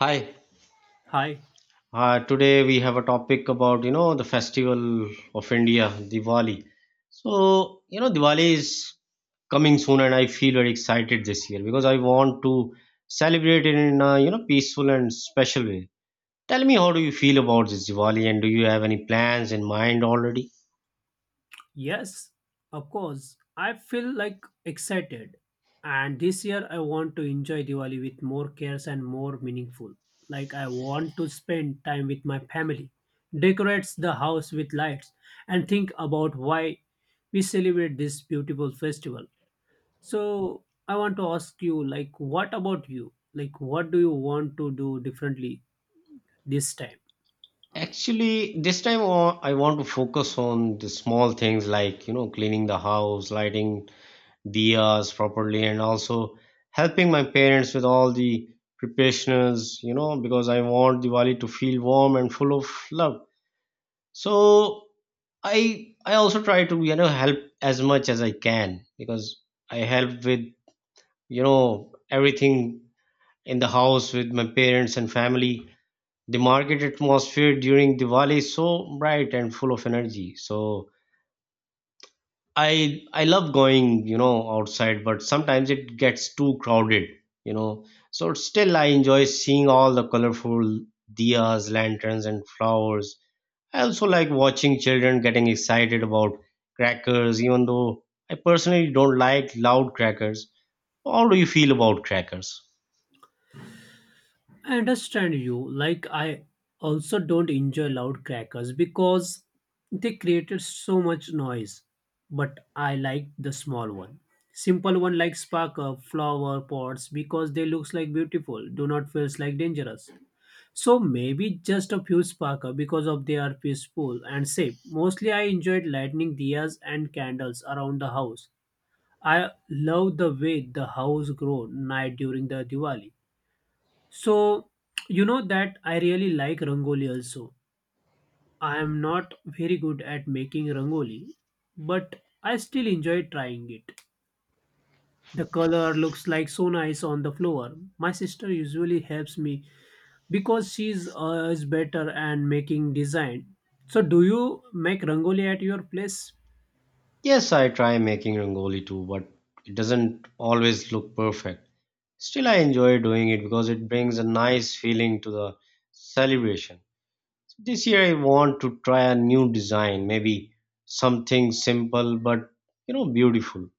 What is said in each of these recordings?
Hi, Hi. Today we have a topic about the festival of India, Diwali. So you know Diwali is coming soon, and I feel very excited this year because I want to celebrate it in a peaceful and special way. Tell me, how do you feel about this Diwali, and do you have any plans in mind already? Yes, of course. I feel like excited. And this year I want to enjoy Diwali with more cares and more meaningful. Like I want to spend time with my family, decorates the house with lights and think about why we celebrate this beautiful festival. So I want to ask you, like what about you? Like what do you want to do differently this time? Actually, this time I want to focus on the small things like cleaning the house, lighting diyas properly and also helping my parents with all the preparations, because I want Diwali to feel warm and full of love. So I also try to, help as much as I can because I help with, everything in the house with my parents and family. The market atmosphere during Diwali is so bright and full of energy. So I love going, outside, but sometimes it gets too crowded, you know. So still I enjoy seeing all the colorful diyas, lanterns and flowers. I also like watching children getting excited about crackers, even though I personally don't like loud crackers. How do you feel about crackers? I understand you. Like, I also don't enjoy loud crackers because they created so much noise. But I like the small one. Simple one like sparkler, flower pots because they looks like beautiful, do not feels like dangerous. So maybe just a few sparkler because of they are peaceful and safe. Mostly I enjoyed lighting diyas and candles around the house. I love the way the house grow night during the Diwali so, you know that I really like rangoli also. I am not very good at making rangoli, but I still enjoy trying it. The color looks like so nice on the floor. My sister usually helps me because she's is better and making design. So, do you make rangoli at your place? Yes, I try making rangoli too, but it doesn't always look perfect. Still I enjoy doing it because it brings a nice feeling to the celebration. This year I want to try a new design, maybe something simple but beautiful.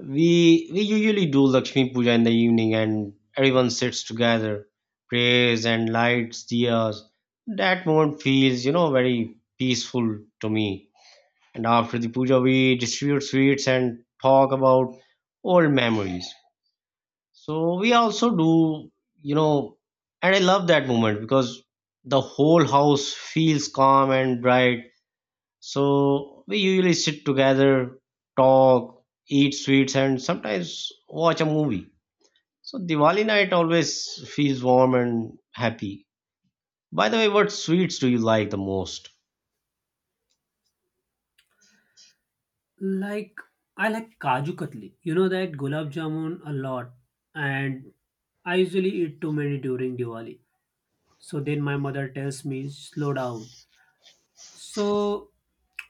We usually do Lakshmi Puja in the evening and everyone sits together, prays and lights diyas. That moment feels, very peaceful to me. And after the puja we distribute sweets and talk about old memories. So we also do, you know, and I love that moment because the whole house feels calm and bright. So we usually sit together, talk, eat sweets, and sometimes watch a movie. So Diwali night always feels warm and happy. By the way, what sweets do you like the most? Like I like kaju katli. You know that gulab jamun a lot, and I usually eat too many during Diwali. So then my mother tells me, slow down. So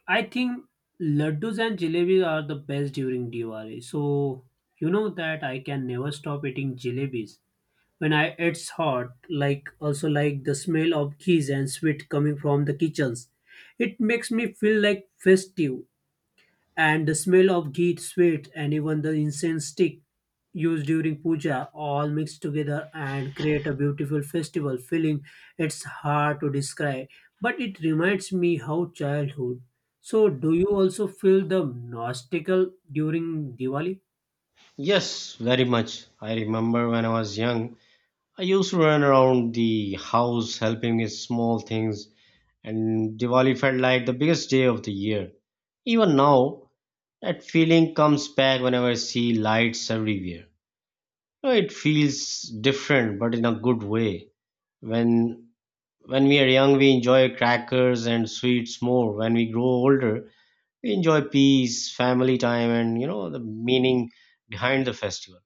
I think laddus and jalebi are the best during Diwali. So you know that I can never stop eating jalebis. When I it's hot, like also like the smell of ghee and sweet coming from the kitchens. It makes me feel like festive and the smell of ghee, sweat, and even the incense stick used during puja all mixed together and create a beautiful festival feeling. It's hard to describe, but it reminds me how childhood. So, do you also feel the nostical during Diwali? Yes, very much. I remember when I was young, I used to run around the house helping with small things and Diwali felt like the biggest day of the year. Even now, that feeling comes back whenever I see lights everywhere. It feels different, but in a good way. When when we are young, we enjoy crackers and sweets more. When we grow older, we enjoy peace, family time, and the meaning behind the festival.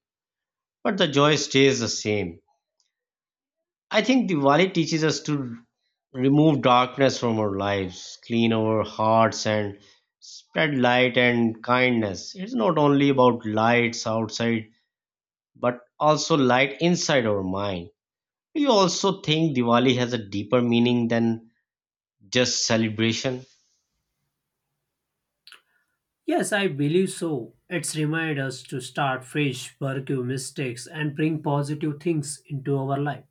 But the joy stays the same. I think Diwali teaches us to remove darkness from our lives, clean our hearts, and spread light and kindness. It's not only about lights outside, but also light inside our mind. Do you also think Diwali has a deeper meaning than just celebration? Yes, I believe so. It's remind us to start fresh, pursue mistakes, and bring positive things into our life.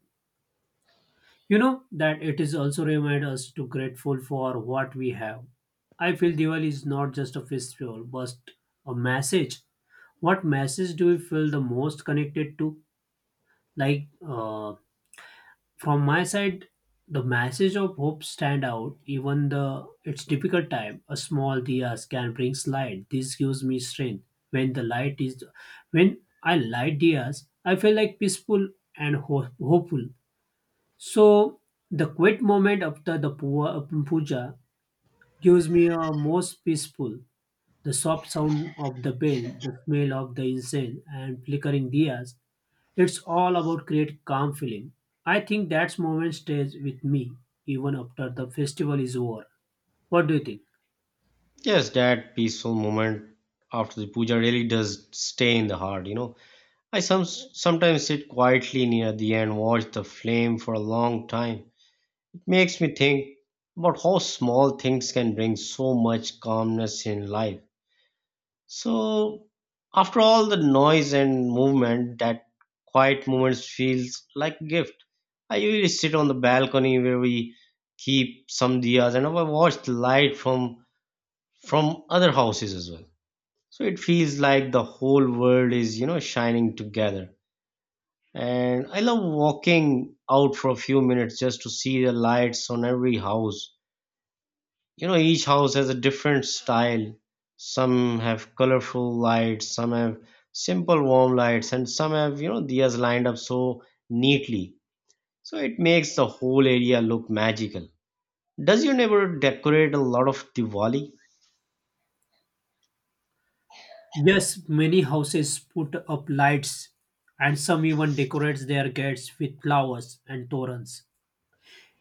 You know that it is also remind us to grateful for what we have. I feel Diwali is not just a festival, but a message. What message do you feel the most connected to? Like uh, from my side, the message of hope stand out. Even the it's difficult time, a small diyas can bring light. This gives me strength. When the light is, when I light diyas, I feel like peaceful and hopeful. So the quiet moment after the puja gives me a most peaceful. The soft sound of the bell, the smell of the incense, and flickering diyas. It's all about create calm feeling. I think that moment stays with me even after the festival is over. What do you think? Yes, that peaceful moment after the puja really does stay in the heart. Sometimes sit quietly near the end, watch the flame for a long time. Makes me think about how small things can bring so much calmness in life. So, after all the noise and movement, that quiet moments feels like a gift. I usually sit on the balcony where we keep some diyas and I watch the light from other houses as well. So it feels like the whole world is, shining together. And I love walking out for a few minutes just to see the lights on every house. Each house has a different style. Some have colorful lights, some have simple warm lights, and some have diyas lined up so neatly. So it makes the whole area look magical. Does your neighborhood decorate a lot of Diwali? Yes, many houses put up lights, and some even decorates their gates with flowers and torrents.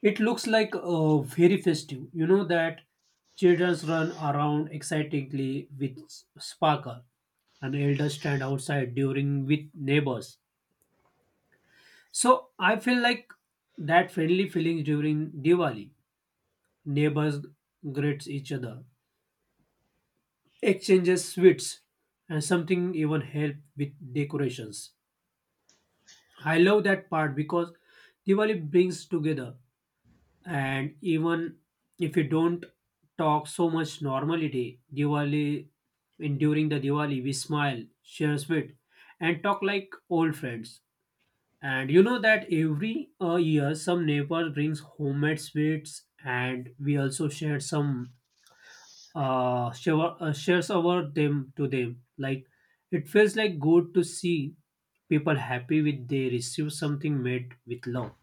It looks like very festive. You know that children run around excitedly with sparkle, and elders stand outside during with neighbors. So I feel like that friendly feeling during Diwali. Neighbors greets each other, exchanges sweets, and something even help with decorations. I love that part because Diwali brings together. And even if you don't talk so much normality, Diwali, in during the Diwali, we smile, share sweet, and talk like old friends. And you know that every year, some neighbor brings homemade sweets, and we also share some shares over them to them. Like it feels like good to see people happy with they receive something made with love.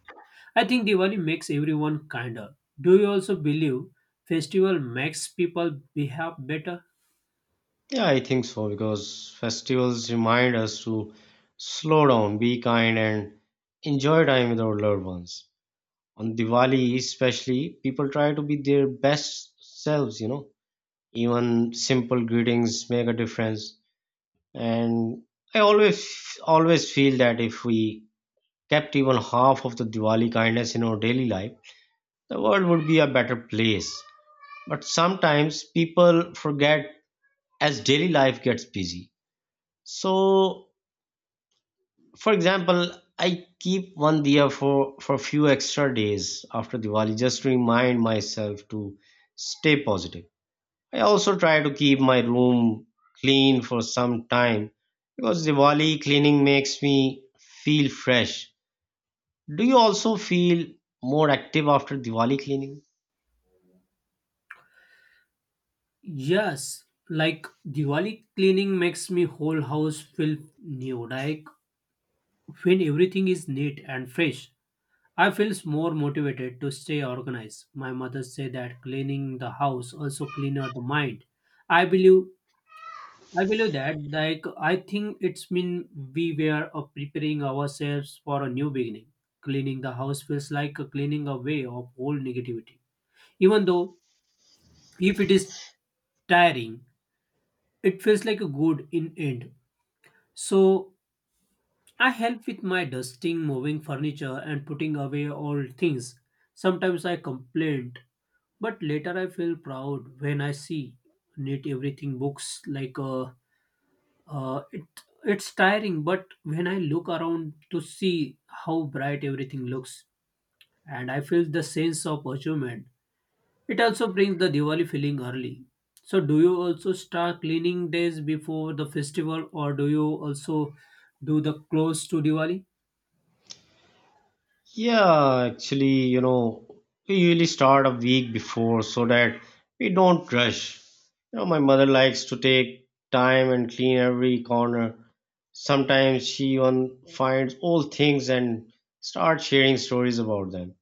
I think Diwali makes everyone kinder. Do you also believe festival makes people behave better? Yeah, I think so because festivals remind us to slow down, be kind, and enjoy time with our loved ones. On Diwali especially, people try to be their best selves. Even simple greetings make a difference. And I always feel that if we kept even half of the Diwali kindness in our daily life, the world would be a better place. But sometimes people forget as daily life gets busy. So, for example, I keep one diya for a few extra days after Diwali just to remind myself to stay positive. I also try to keep my room clean for some time because Diwali cleaning makes me feel fresh. Do you also feel more active after Diwali cleaning? Yes, like Diwali cleaning makes me whole house feel new. Like when everything is neat and fresh, I feel more motivated to stay organized. My mother say that cleaning the house also cleaner the mind. I believe I believe that. Like, I think it's mean we were preparing ourselves for a new beginning. Cleaning the house feels like a cleaning away of all negativity. Even though if it is tiring, it feels like a good in end. So I help with my dusting, moving furniture, and putting away all things. Sometimes I complain, but later I feel proud when I see neat everything books like a Uh, it it's tiring, but when I look around to see how bright everything looks, and I feel the sense of achievement, it also brings the Diwali feeling early. So, do you also start cleaning days before the festival, or do you also do the close to Diwali? Yeah, actually, we usually start a week before so that we don't rush. You know, my mother likes to take time and clean every corner. Sometimes she even finds old things and starts sharing stories about them.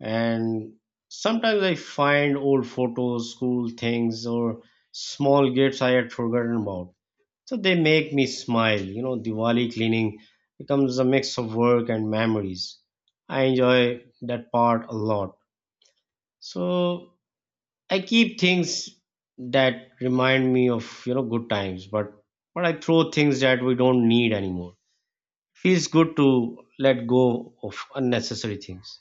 And sometimes I find old photos, school things, or small gifts I had forgotten about. So they make me smile. You know, Diwali cleaning becomes a mix of work and memories. I enjoy that part a lot. So I keep things that remind me of good times, but I throw things that we don't need anymore. Feels good to let go of unnecessary things.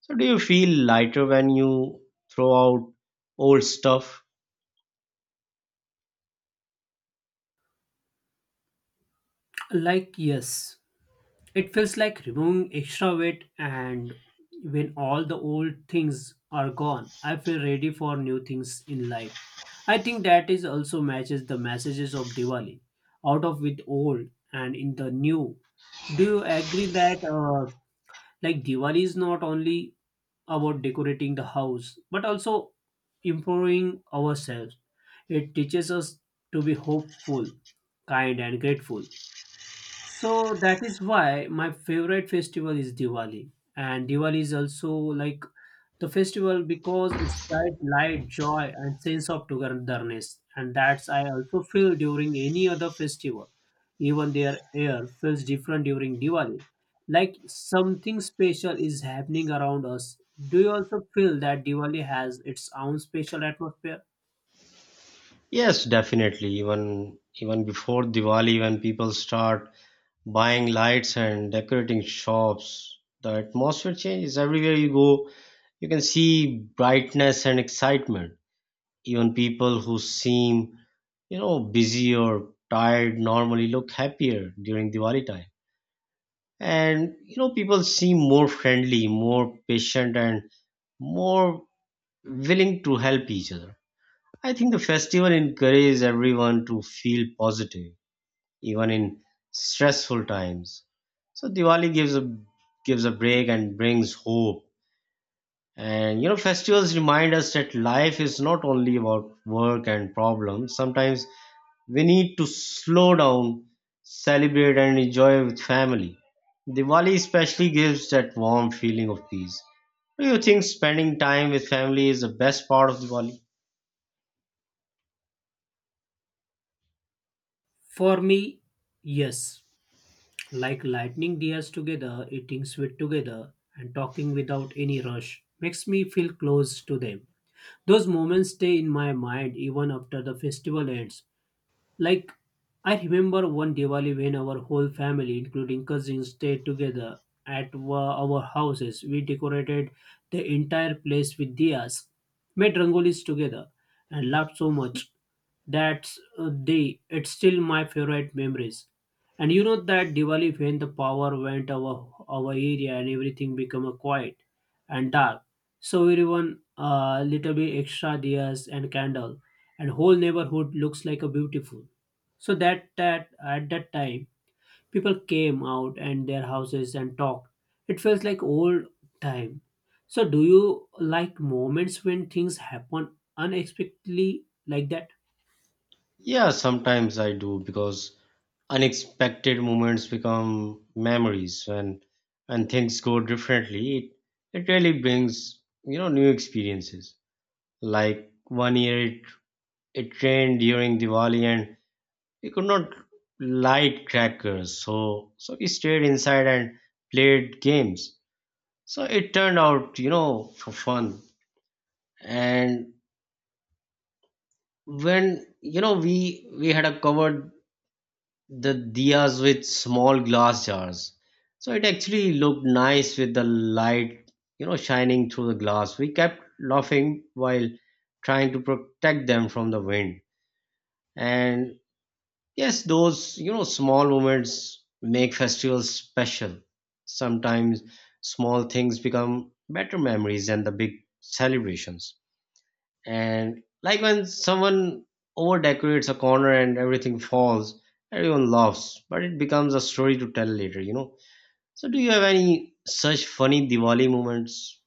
So, do you feel lighter when you throw out old stuff? Like, yes, it feels like removing extra weight, and when all the old things are gone, I feel ready for new things in life. I think that is also matches the messages of Diwali, out of with old and in the new. Do you agree that like Diwali is not only about decorating the house but also improving ourselves? It teaches us to be hopeful, kind, and grateful. So that is why my favorite festival is Diwali. And Diwali is also like the festival because it's bright light, joy, and sense of togetherness. And that's I also feel during any other festival. Even their air feels different during Diwali. Like something special is happening around us. Do you also feel that Diwali has its own special atmosphere? Yes, definitely. Even before Diwali, when people start buying lights and decorating shops, the atmosphere changes. Everywhere you go, you can see brightness and excitement. Even people who seem, busy or tired normally look happier during Diwali time. And people seem more friendly, more patient, and more willing to help each other. I think the festival encourages everyone to feel positive, even in stressful times. So Diwali gives a break and brings hope. And festivals remind us that life is not only about work and problems. Sometimes we need to slow down, celebrate, and enjoy with family. Diwali especially gives that warm feeling of peace. Do you think spending time with family is the best part of Diwali? For me, yes. Like lighting dias together, eating sweet together, and talking without any rush makes me feel close to them. Those moments stay in my mind even after the festival ends. Like, I remember one Diwali when our whole family, including cousins, stayed together at our houses. We decorated the entire place with diyas, made rangolis together, and laughed so much. That's the it's still my favorite memories. And you know that Diwali when the power went our area and everything became a quiet and dark. So everyone little bit extra diyas and candle, and whole neighborhood looks like a beautiful. So that at that time, people came out and their houses and talked. It feels like old time. So do you like moments when things happen unexpectedly like that? Yeah, sometimes I do because unexpected moments become memories when and things go differently. It really brings, new experiences. Like one year it rained during Diwali and we could not light crackers. So we stayed inside and played games. So it turned out, for fun. And when, we had a covered the diyas with small glass jars. So it actually looked nice with the light, shining through the glass. We kept laughing while trying to protect them from the wind. And yes, those, small moments make festivals special. Sometimes small things become better memories than the big celebrations. And like when someone over decorates a corner and everything falls, everyone laughs, but it becomes a story to tell later. So, do you have any such funny Diwali moments?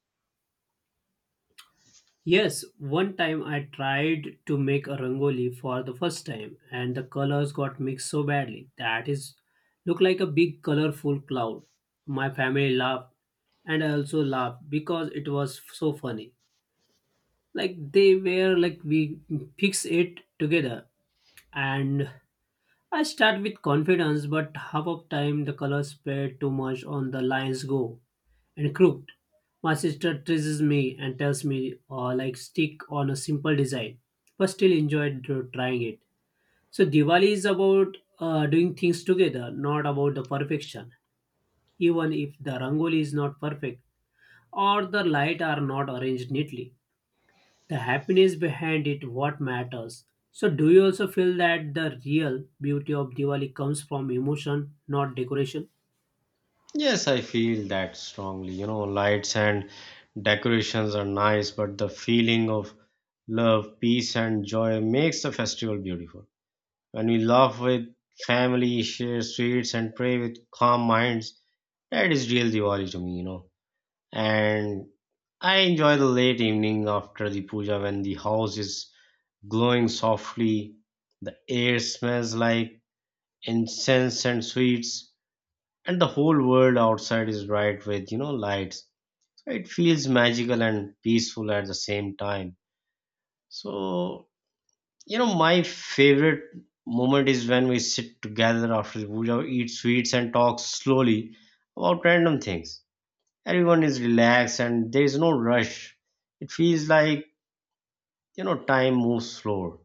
Yes, one time I tried to make a rangoli for the first time and the colors got mixed so badly that is looked like a big colorful cloud. My family laughed and I also laughed because it was so funny. Like they were like we fix it together, and I start with confidence but half of time the colors spread too much on the lines go and crooked. My sister teases me and tells me, like stick on a simple design but still enjoyed trying it. So Diwali is about, doing things together not about the perfection. Even if the rangoli is not perfect or the light are not arranged neatly, the happiness behind it what matters. So do you also feel that the real beauty of Diwali comes from emotion not decoration? Yes, I feel that strongly. You know, lights and decorations are nice, but the feeling of love, peace, and joy makes the festival beautiful. When we laugh with family, share sweets, and pray with calm minds, that is real Diwali to me. And I enjoy the late evening after the puja when the house is glowing softly, the air smells like incense and sweets, and the whole world outside is bright with, lights. So it feels magical and peaceful at the same time. So, my favorite moment is when we sit together after the puja, eat sweets, and talk slowly about random things. Everyone is relaxed and there is no rush. It feels like time moves slower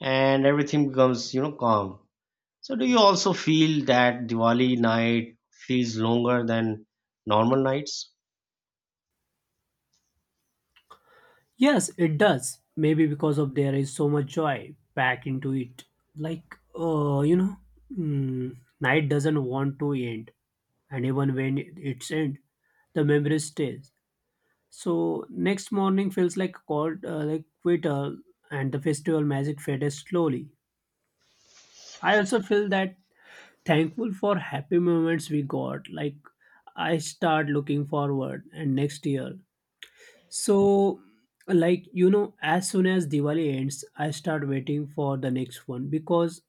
and everything becomes calm. So do you also feel that Diwali night feels longer than normal nights? Yes it does, maybe because of there is so much joy packed into it. like uh you know mm, night doesn't want to end, and even when it's end the memory stays. So next morning feels like cold, like quitter, and the festival magic fades slowly. I also feel that thankful for happy moments we got. Like I start looking forward and next year. So, like you know as soon as Diwali ends I start waiting for the next one because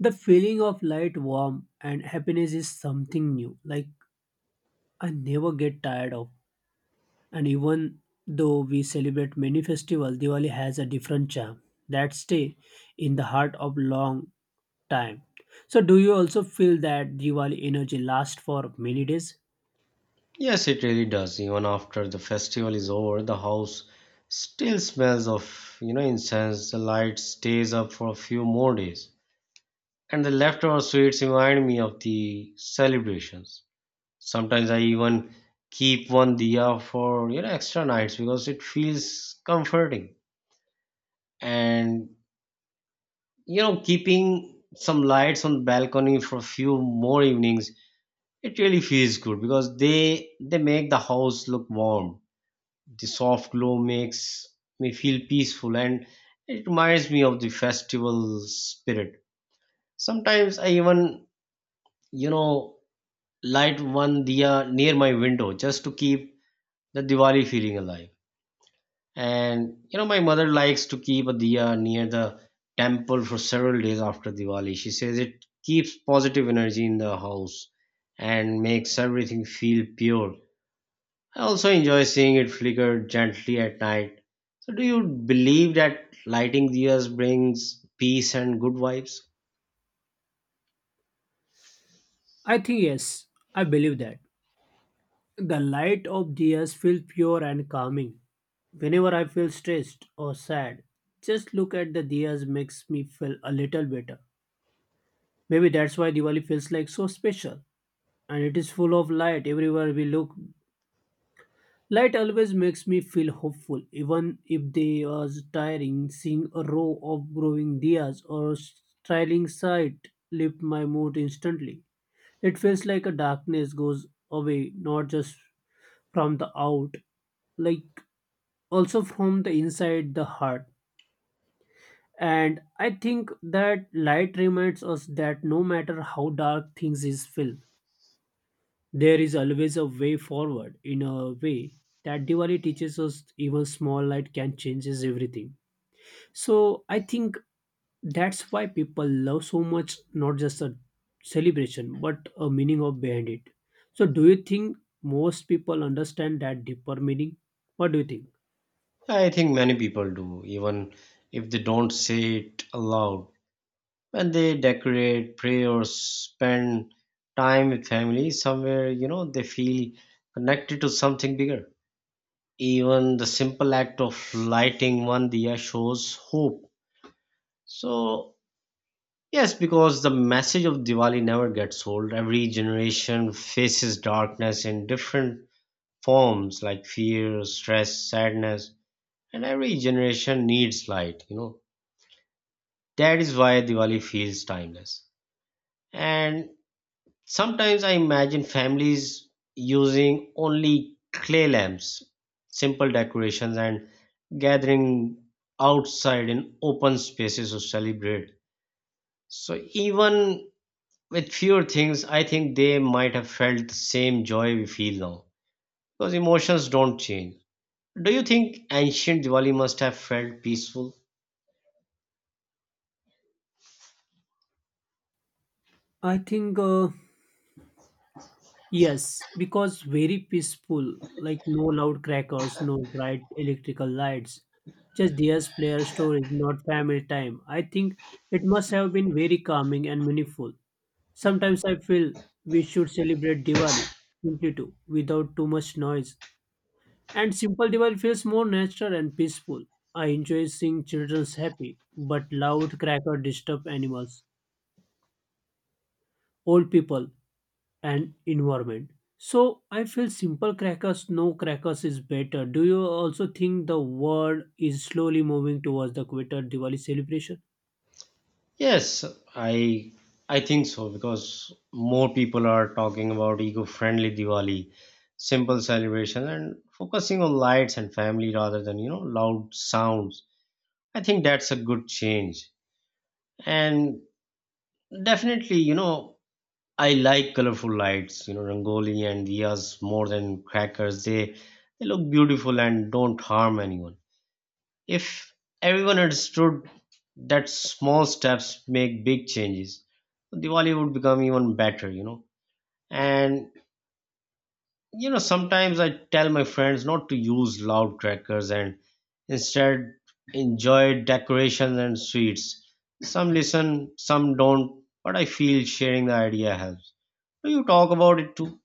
the feeling of light warm and happiness is something new. Like I never get tired of. And even though we celebrate many festivals, Diwali has a different charm that stay in the heart of long time. So, do you also feel that Diwali energy lasts for many days? Yes, it really does. Even after the festival is over, the house still smells of incense, the light stays up for a few more days, and the leftover sweets remind me of the celebrations. Sometimes I even keep one diya for extra nights because it feels comforting. And keeping some lights on balcony for a few more evenings, it really feels good because they make the house look warm. The soft glow makes me feel peaceful and it reminds me of the festival spirit. Sometimes I even you know light one diya near my window just to keep the Diwali feeling alive. And you know, my mother likes to keep a diya near the temple for several days after Diwali. She says it keeps positive energy in the house and makes everything feel pure. I also enjoy seeing it flicker gently at night. So, do you believe that lighting diyas brings peace and good vibes? I think yes, I believe that. The light of diyas feels pure and calming. Whenever I feel stressed or sad, just look at the diyas makes me feel a little better. Maybe that's why Diwali feels like so special. And it is full of light everywhere we look. Light always makes me feel hopeful, even if they was tiring. Seeing a row of growing dias or styling sight lift my mood instantly. It feels like a darkness goes away, not just from the out, like also from the inside the heart. And I think that light reminds us that no matter how dark things is feel, there is always a way forward in a way that Diwali teaches us even small light can changes everything. So I think that's why people love so much not just a celebration but a meaning of behind it. So do you think most people understand that deeper meaning? What do you think? I think many people do, even if they don't say it aloud. When they decorate, pray, or spend time with family somewhere, they feel connected to something bigger. Even the simple act of lighting one diya shows hope. So, yes, because the message of Diwali never gets old. Every generation faces darkness in different forms like fear, stress, sadness, and every generation needs light. That is why Diwali feels timeless. And sometimes I imagine families using only clay lamps, simple decorations, and gathering outside in open spaces to celebrate. So, even with fewer things, I think they might have felt the same joy we feel now because emotions don't change. Do you think ancient Diwali must have felt peaceful? I think yes because very peaceful, like no loud crackers, no bright electrical lights, just theirs player stories, not family time. I think it must have been very calming and meaningful. Sometimes I feel we should celebrate Diwali simply too, without too much noise. And simple Diwali feels more natural and peaceful. I enjoy seeing children happy, but loud cracker disturb animals, old people, and environment. So I feel simple crackers, no crackers is better. Do you also think the world is slowly moving towards the quitter Diwali celebration? Yes, I I think so because more people are talking about eco-friendly Diwali, simple celebration and focusing on lights and family rather than, loud sounds. I think that's a good change. And definitely, I like colorful lights, rangoli and diyas more than crackers. They look beautiful and don't harm anyone. If everyone understood that small steps make big changes, Diwali would become even better. And sometimes I tell my friends not to use loud crackers and instead enjoy decorations and sweets. Some listen, some don't, but I feel sharing the idea helps. Do you talk about it too?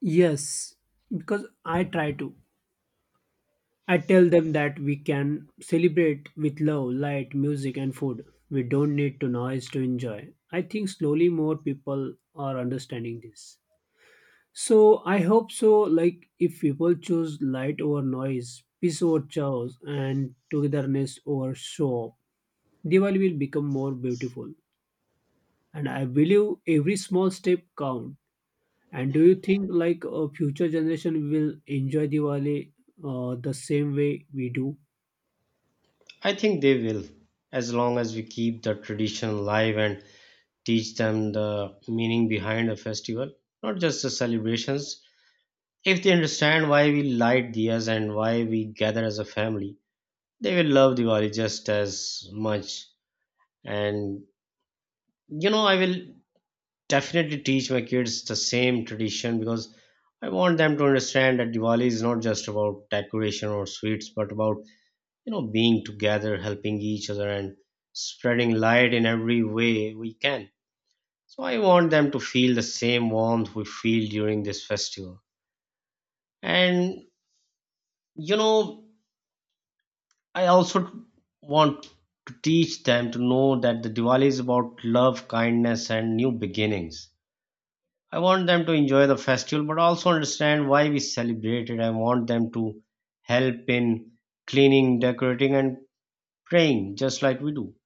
Yes, because I try to. I tell them that we can celebrate with love, light, music, and food. We don't need to noise to enjoy. I think slowly more people are understanding this. So I hope so. Like if people choose light over noise, peace over chaos, and togetherness over show off, Diwali will become more beautiful. And I believe every small step count. And do you think like a future generation will enjoy Diwali the same way we do? I think they will, as long as we keep the tradition alive and teach them the meaning behind a festival, not just the celebrations. If they understand why we light diyas and why we gather as a family, they will love Diwali just as much. And I will definitely teach my kids the same tradition because I want them to understand that Diwali is not just about decoration or sweets, but about being together, helping each other, and spreading light in every way we can. So I want them to feel the same warmth we feel during this festival. And you know, I also want to teach them to know that the Diwali is about love, kindness, and new beginnings. I want them to enjoy the festival but also understand why we celebrate it. I want them to help in cleaning, decorating, and praying just like we do.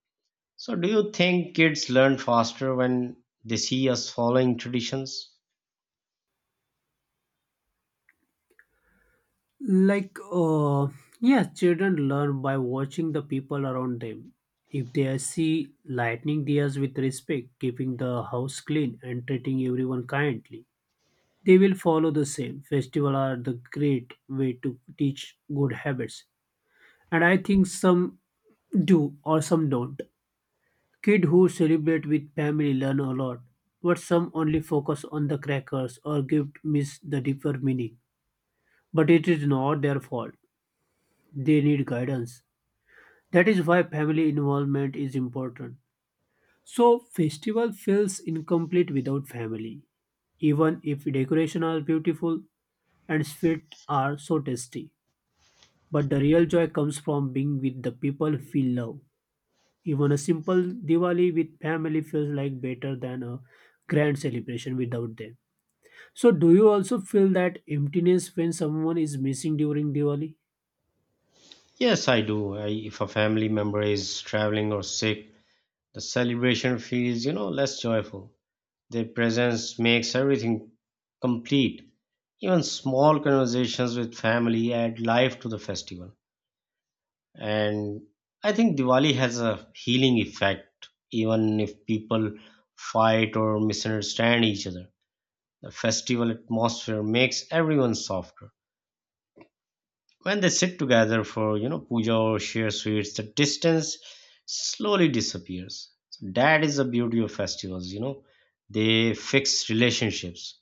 So, do you think kids learn faster when they see us following traditions? Like uh, yeah. Children learn by watching the people around them. If they see lightning diyas with respect, keeping the house clean and treating everyone kindly they will follow the same. Festival are the great way to teach good habits. And I think some do or some don't. Kid who celebrate with family learn a lot, but some only focus on the crackers or gift miss the deeper meaning. But it is not their fault. They need guidance. That is why family involvement is important. So festival feels incomplete without family, even if decoration are beautiful and sweets are so tasty. But the real joy comes from being with the people who feel love. Even a simple Diwali with family feels like better than a grand celebration without them. So, do you also feel that emptiness when someone is missing during Diwali? Yes, I do. If a family member is traveling or sick, the celebration feels, less joyful. Their presence makes everything complete. Even small conversations with family add life to the festival. And I think Diwali has a healing effect, even if people fight or misunderstand each other. The festival atmosphere makes everyone softer. When they sit together for, puja or share sweets, the distance slowly disappears. So that is the beauty of festivals. They fix relationships.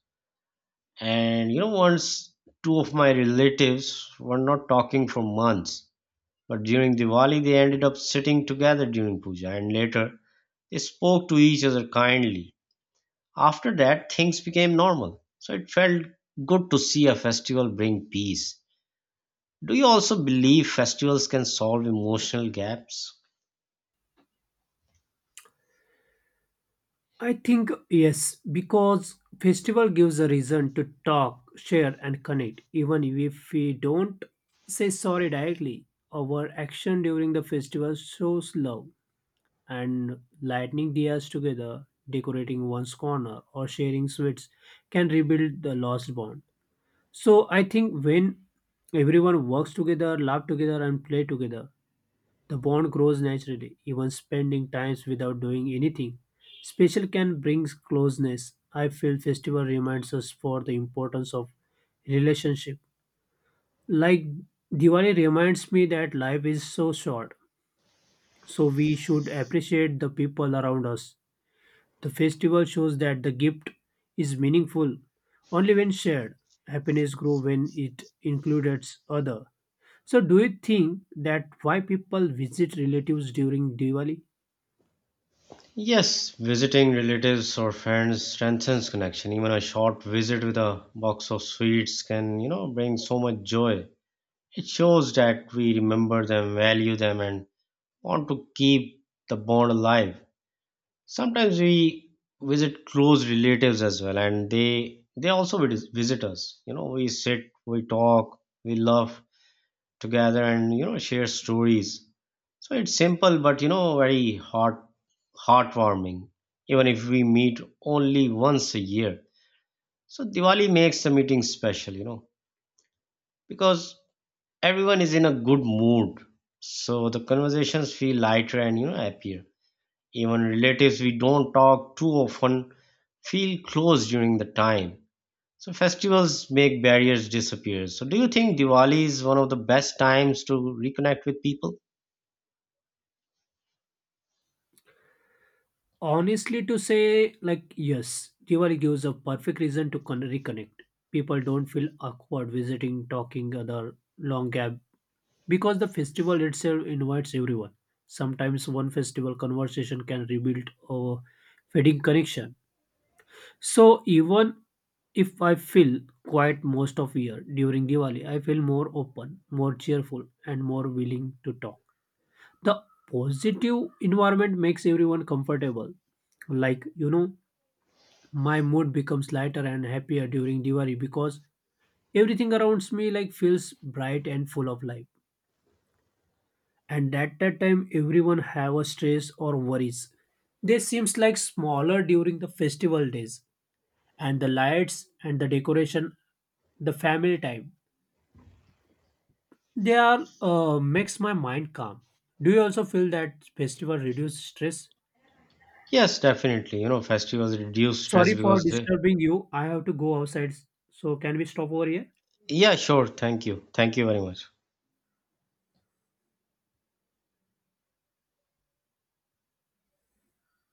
And once two of my relatives were not talking for months, but during Diwali, they ended up sitting together during puja. And later, they spoke to each other kindly. After that, things became normal. So it felt good to see a festival bring peace. Do you also believe festivals can solve emotional gaps? I think yes, because festival gives a reason to talk, share, and connect. Even if we don't say sorry directly, our action during the festival shows love. And lighting diyas together, decorating one's corner, or sharing sweets can rebuild the lost bond. So I think when everyone works together, laugh together, and play together, the bond grows naturally. Even spending times without doing anything special can bring closeness. I feel festival reminds us for the importance of relationship. Like Diwali reminds me that life is so short, so we should appreciate the people around us. The festival shows that the gift is meaningful only when shared. Happiness grows when it includes other. So do you think that why people visit relatives during Diwali? Yes, visiting relatives or friends strengthens connection. Even a short visit with a box of sweets can, bring so much joy. It shows that we remember them, value them, and want to keep the bond alive. Sometimes we visit close relatives as well, and they also visit us. We sit, we talk, we laugh, together and share stories. So it's simple but very heartwarming, even if we meet only once a year. So Diwali makes the meeting special, because everyone is in a good mood, so the conversations feel lighter and happier. Even relatives we don't talk too often feel close during the time. So festivals make barriers disappear. So do you think Diwali is one of the best times to reconnect with people? Honestly to say like yes, Diwali gives a perfect reason to reconnect. People don't feel awkward visiting, talking other long gap because the festival itself invites everyone. Sometimes one festival conversation can rebuild a fading connection. So even if I feel quiet most of year during Diwali, I feel more open, more cheerful, and more willing to talk. The positive environment makes everyone comfortable. Like you know, my mood becomes lighter and happier during Diwali because everything around me like feels bright and full of life. And at that time, everyone have a stress or worries. They seems like smaller during the festival days and the lights and the decoration the family time they are makes my mind calm. Do you also feel that festival reduce stress? Yes, definitely. Festivals reduce stress Sorry for because they. disturbing you, I have to go outside, so can we stop over here? Yeah, sure. Thank you. Thank you very much.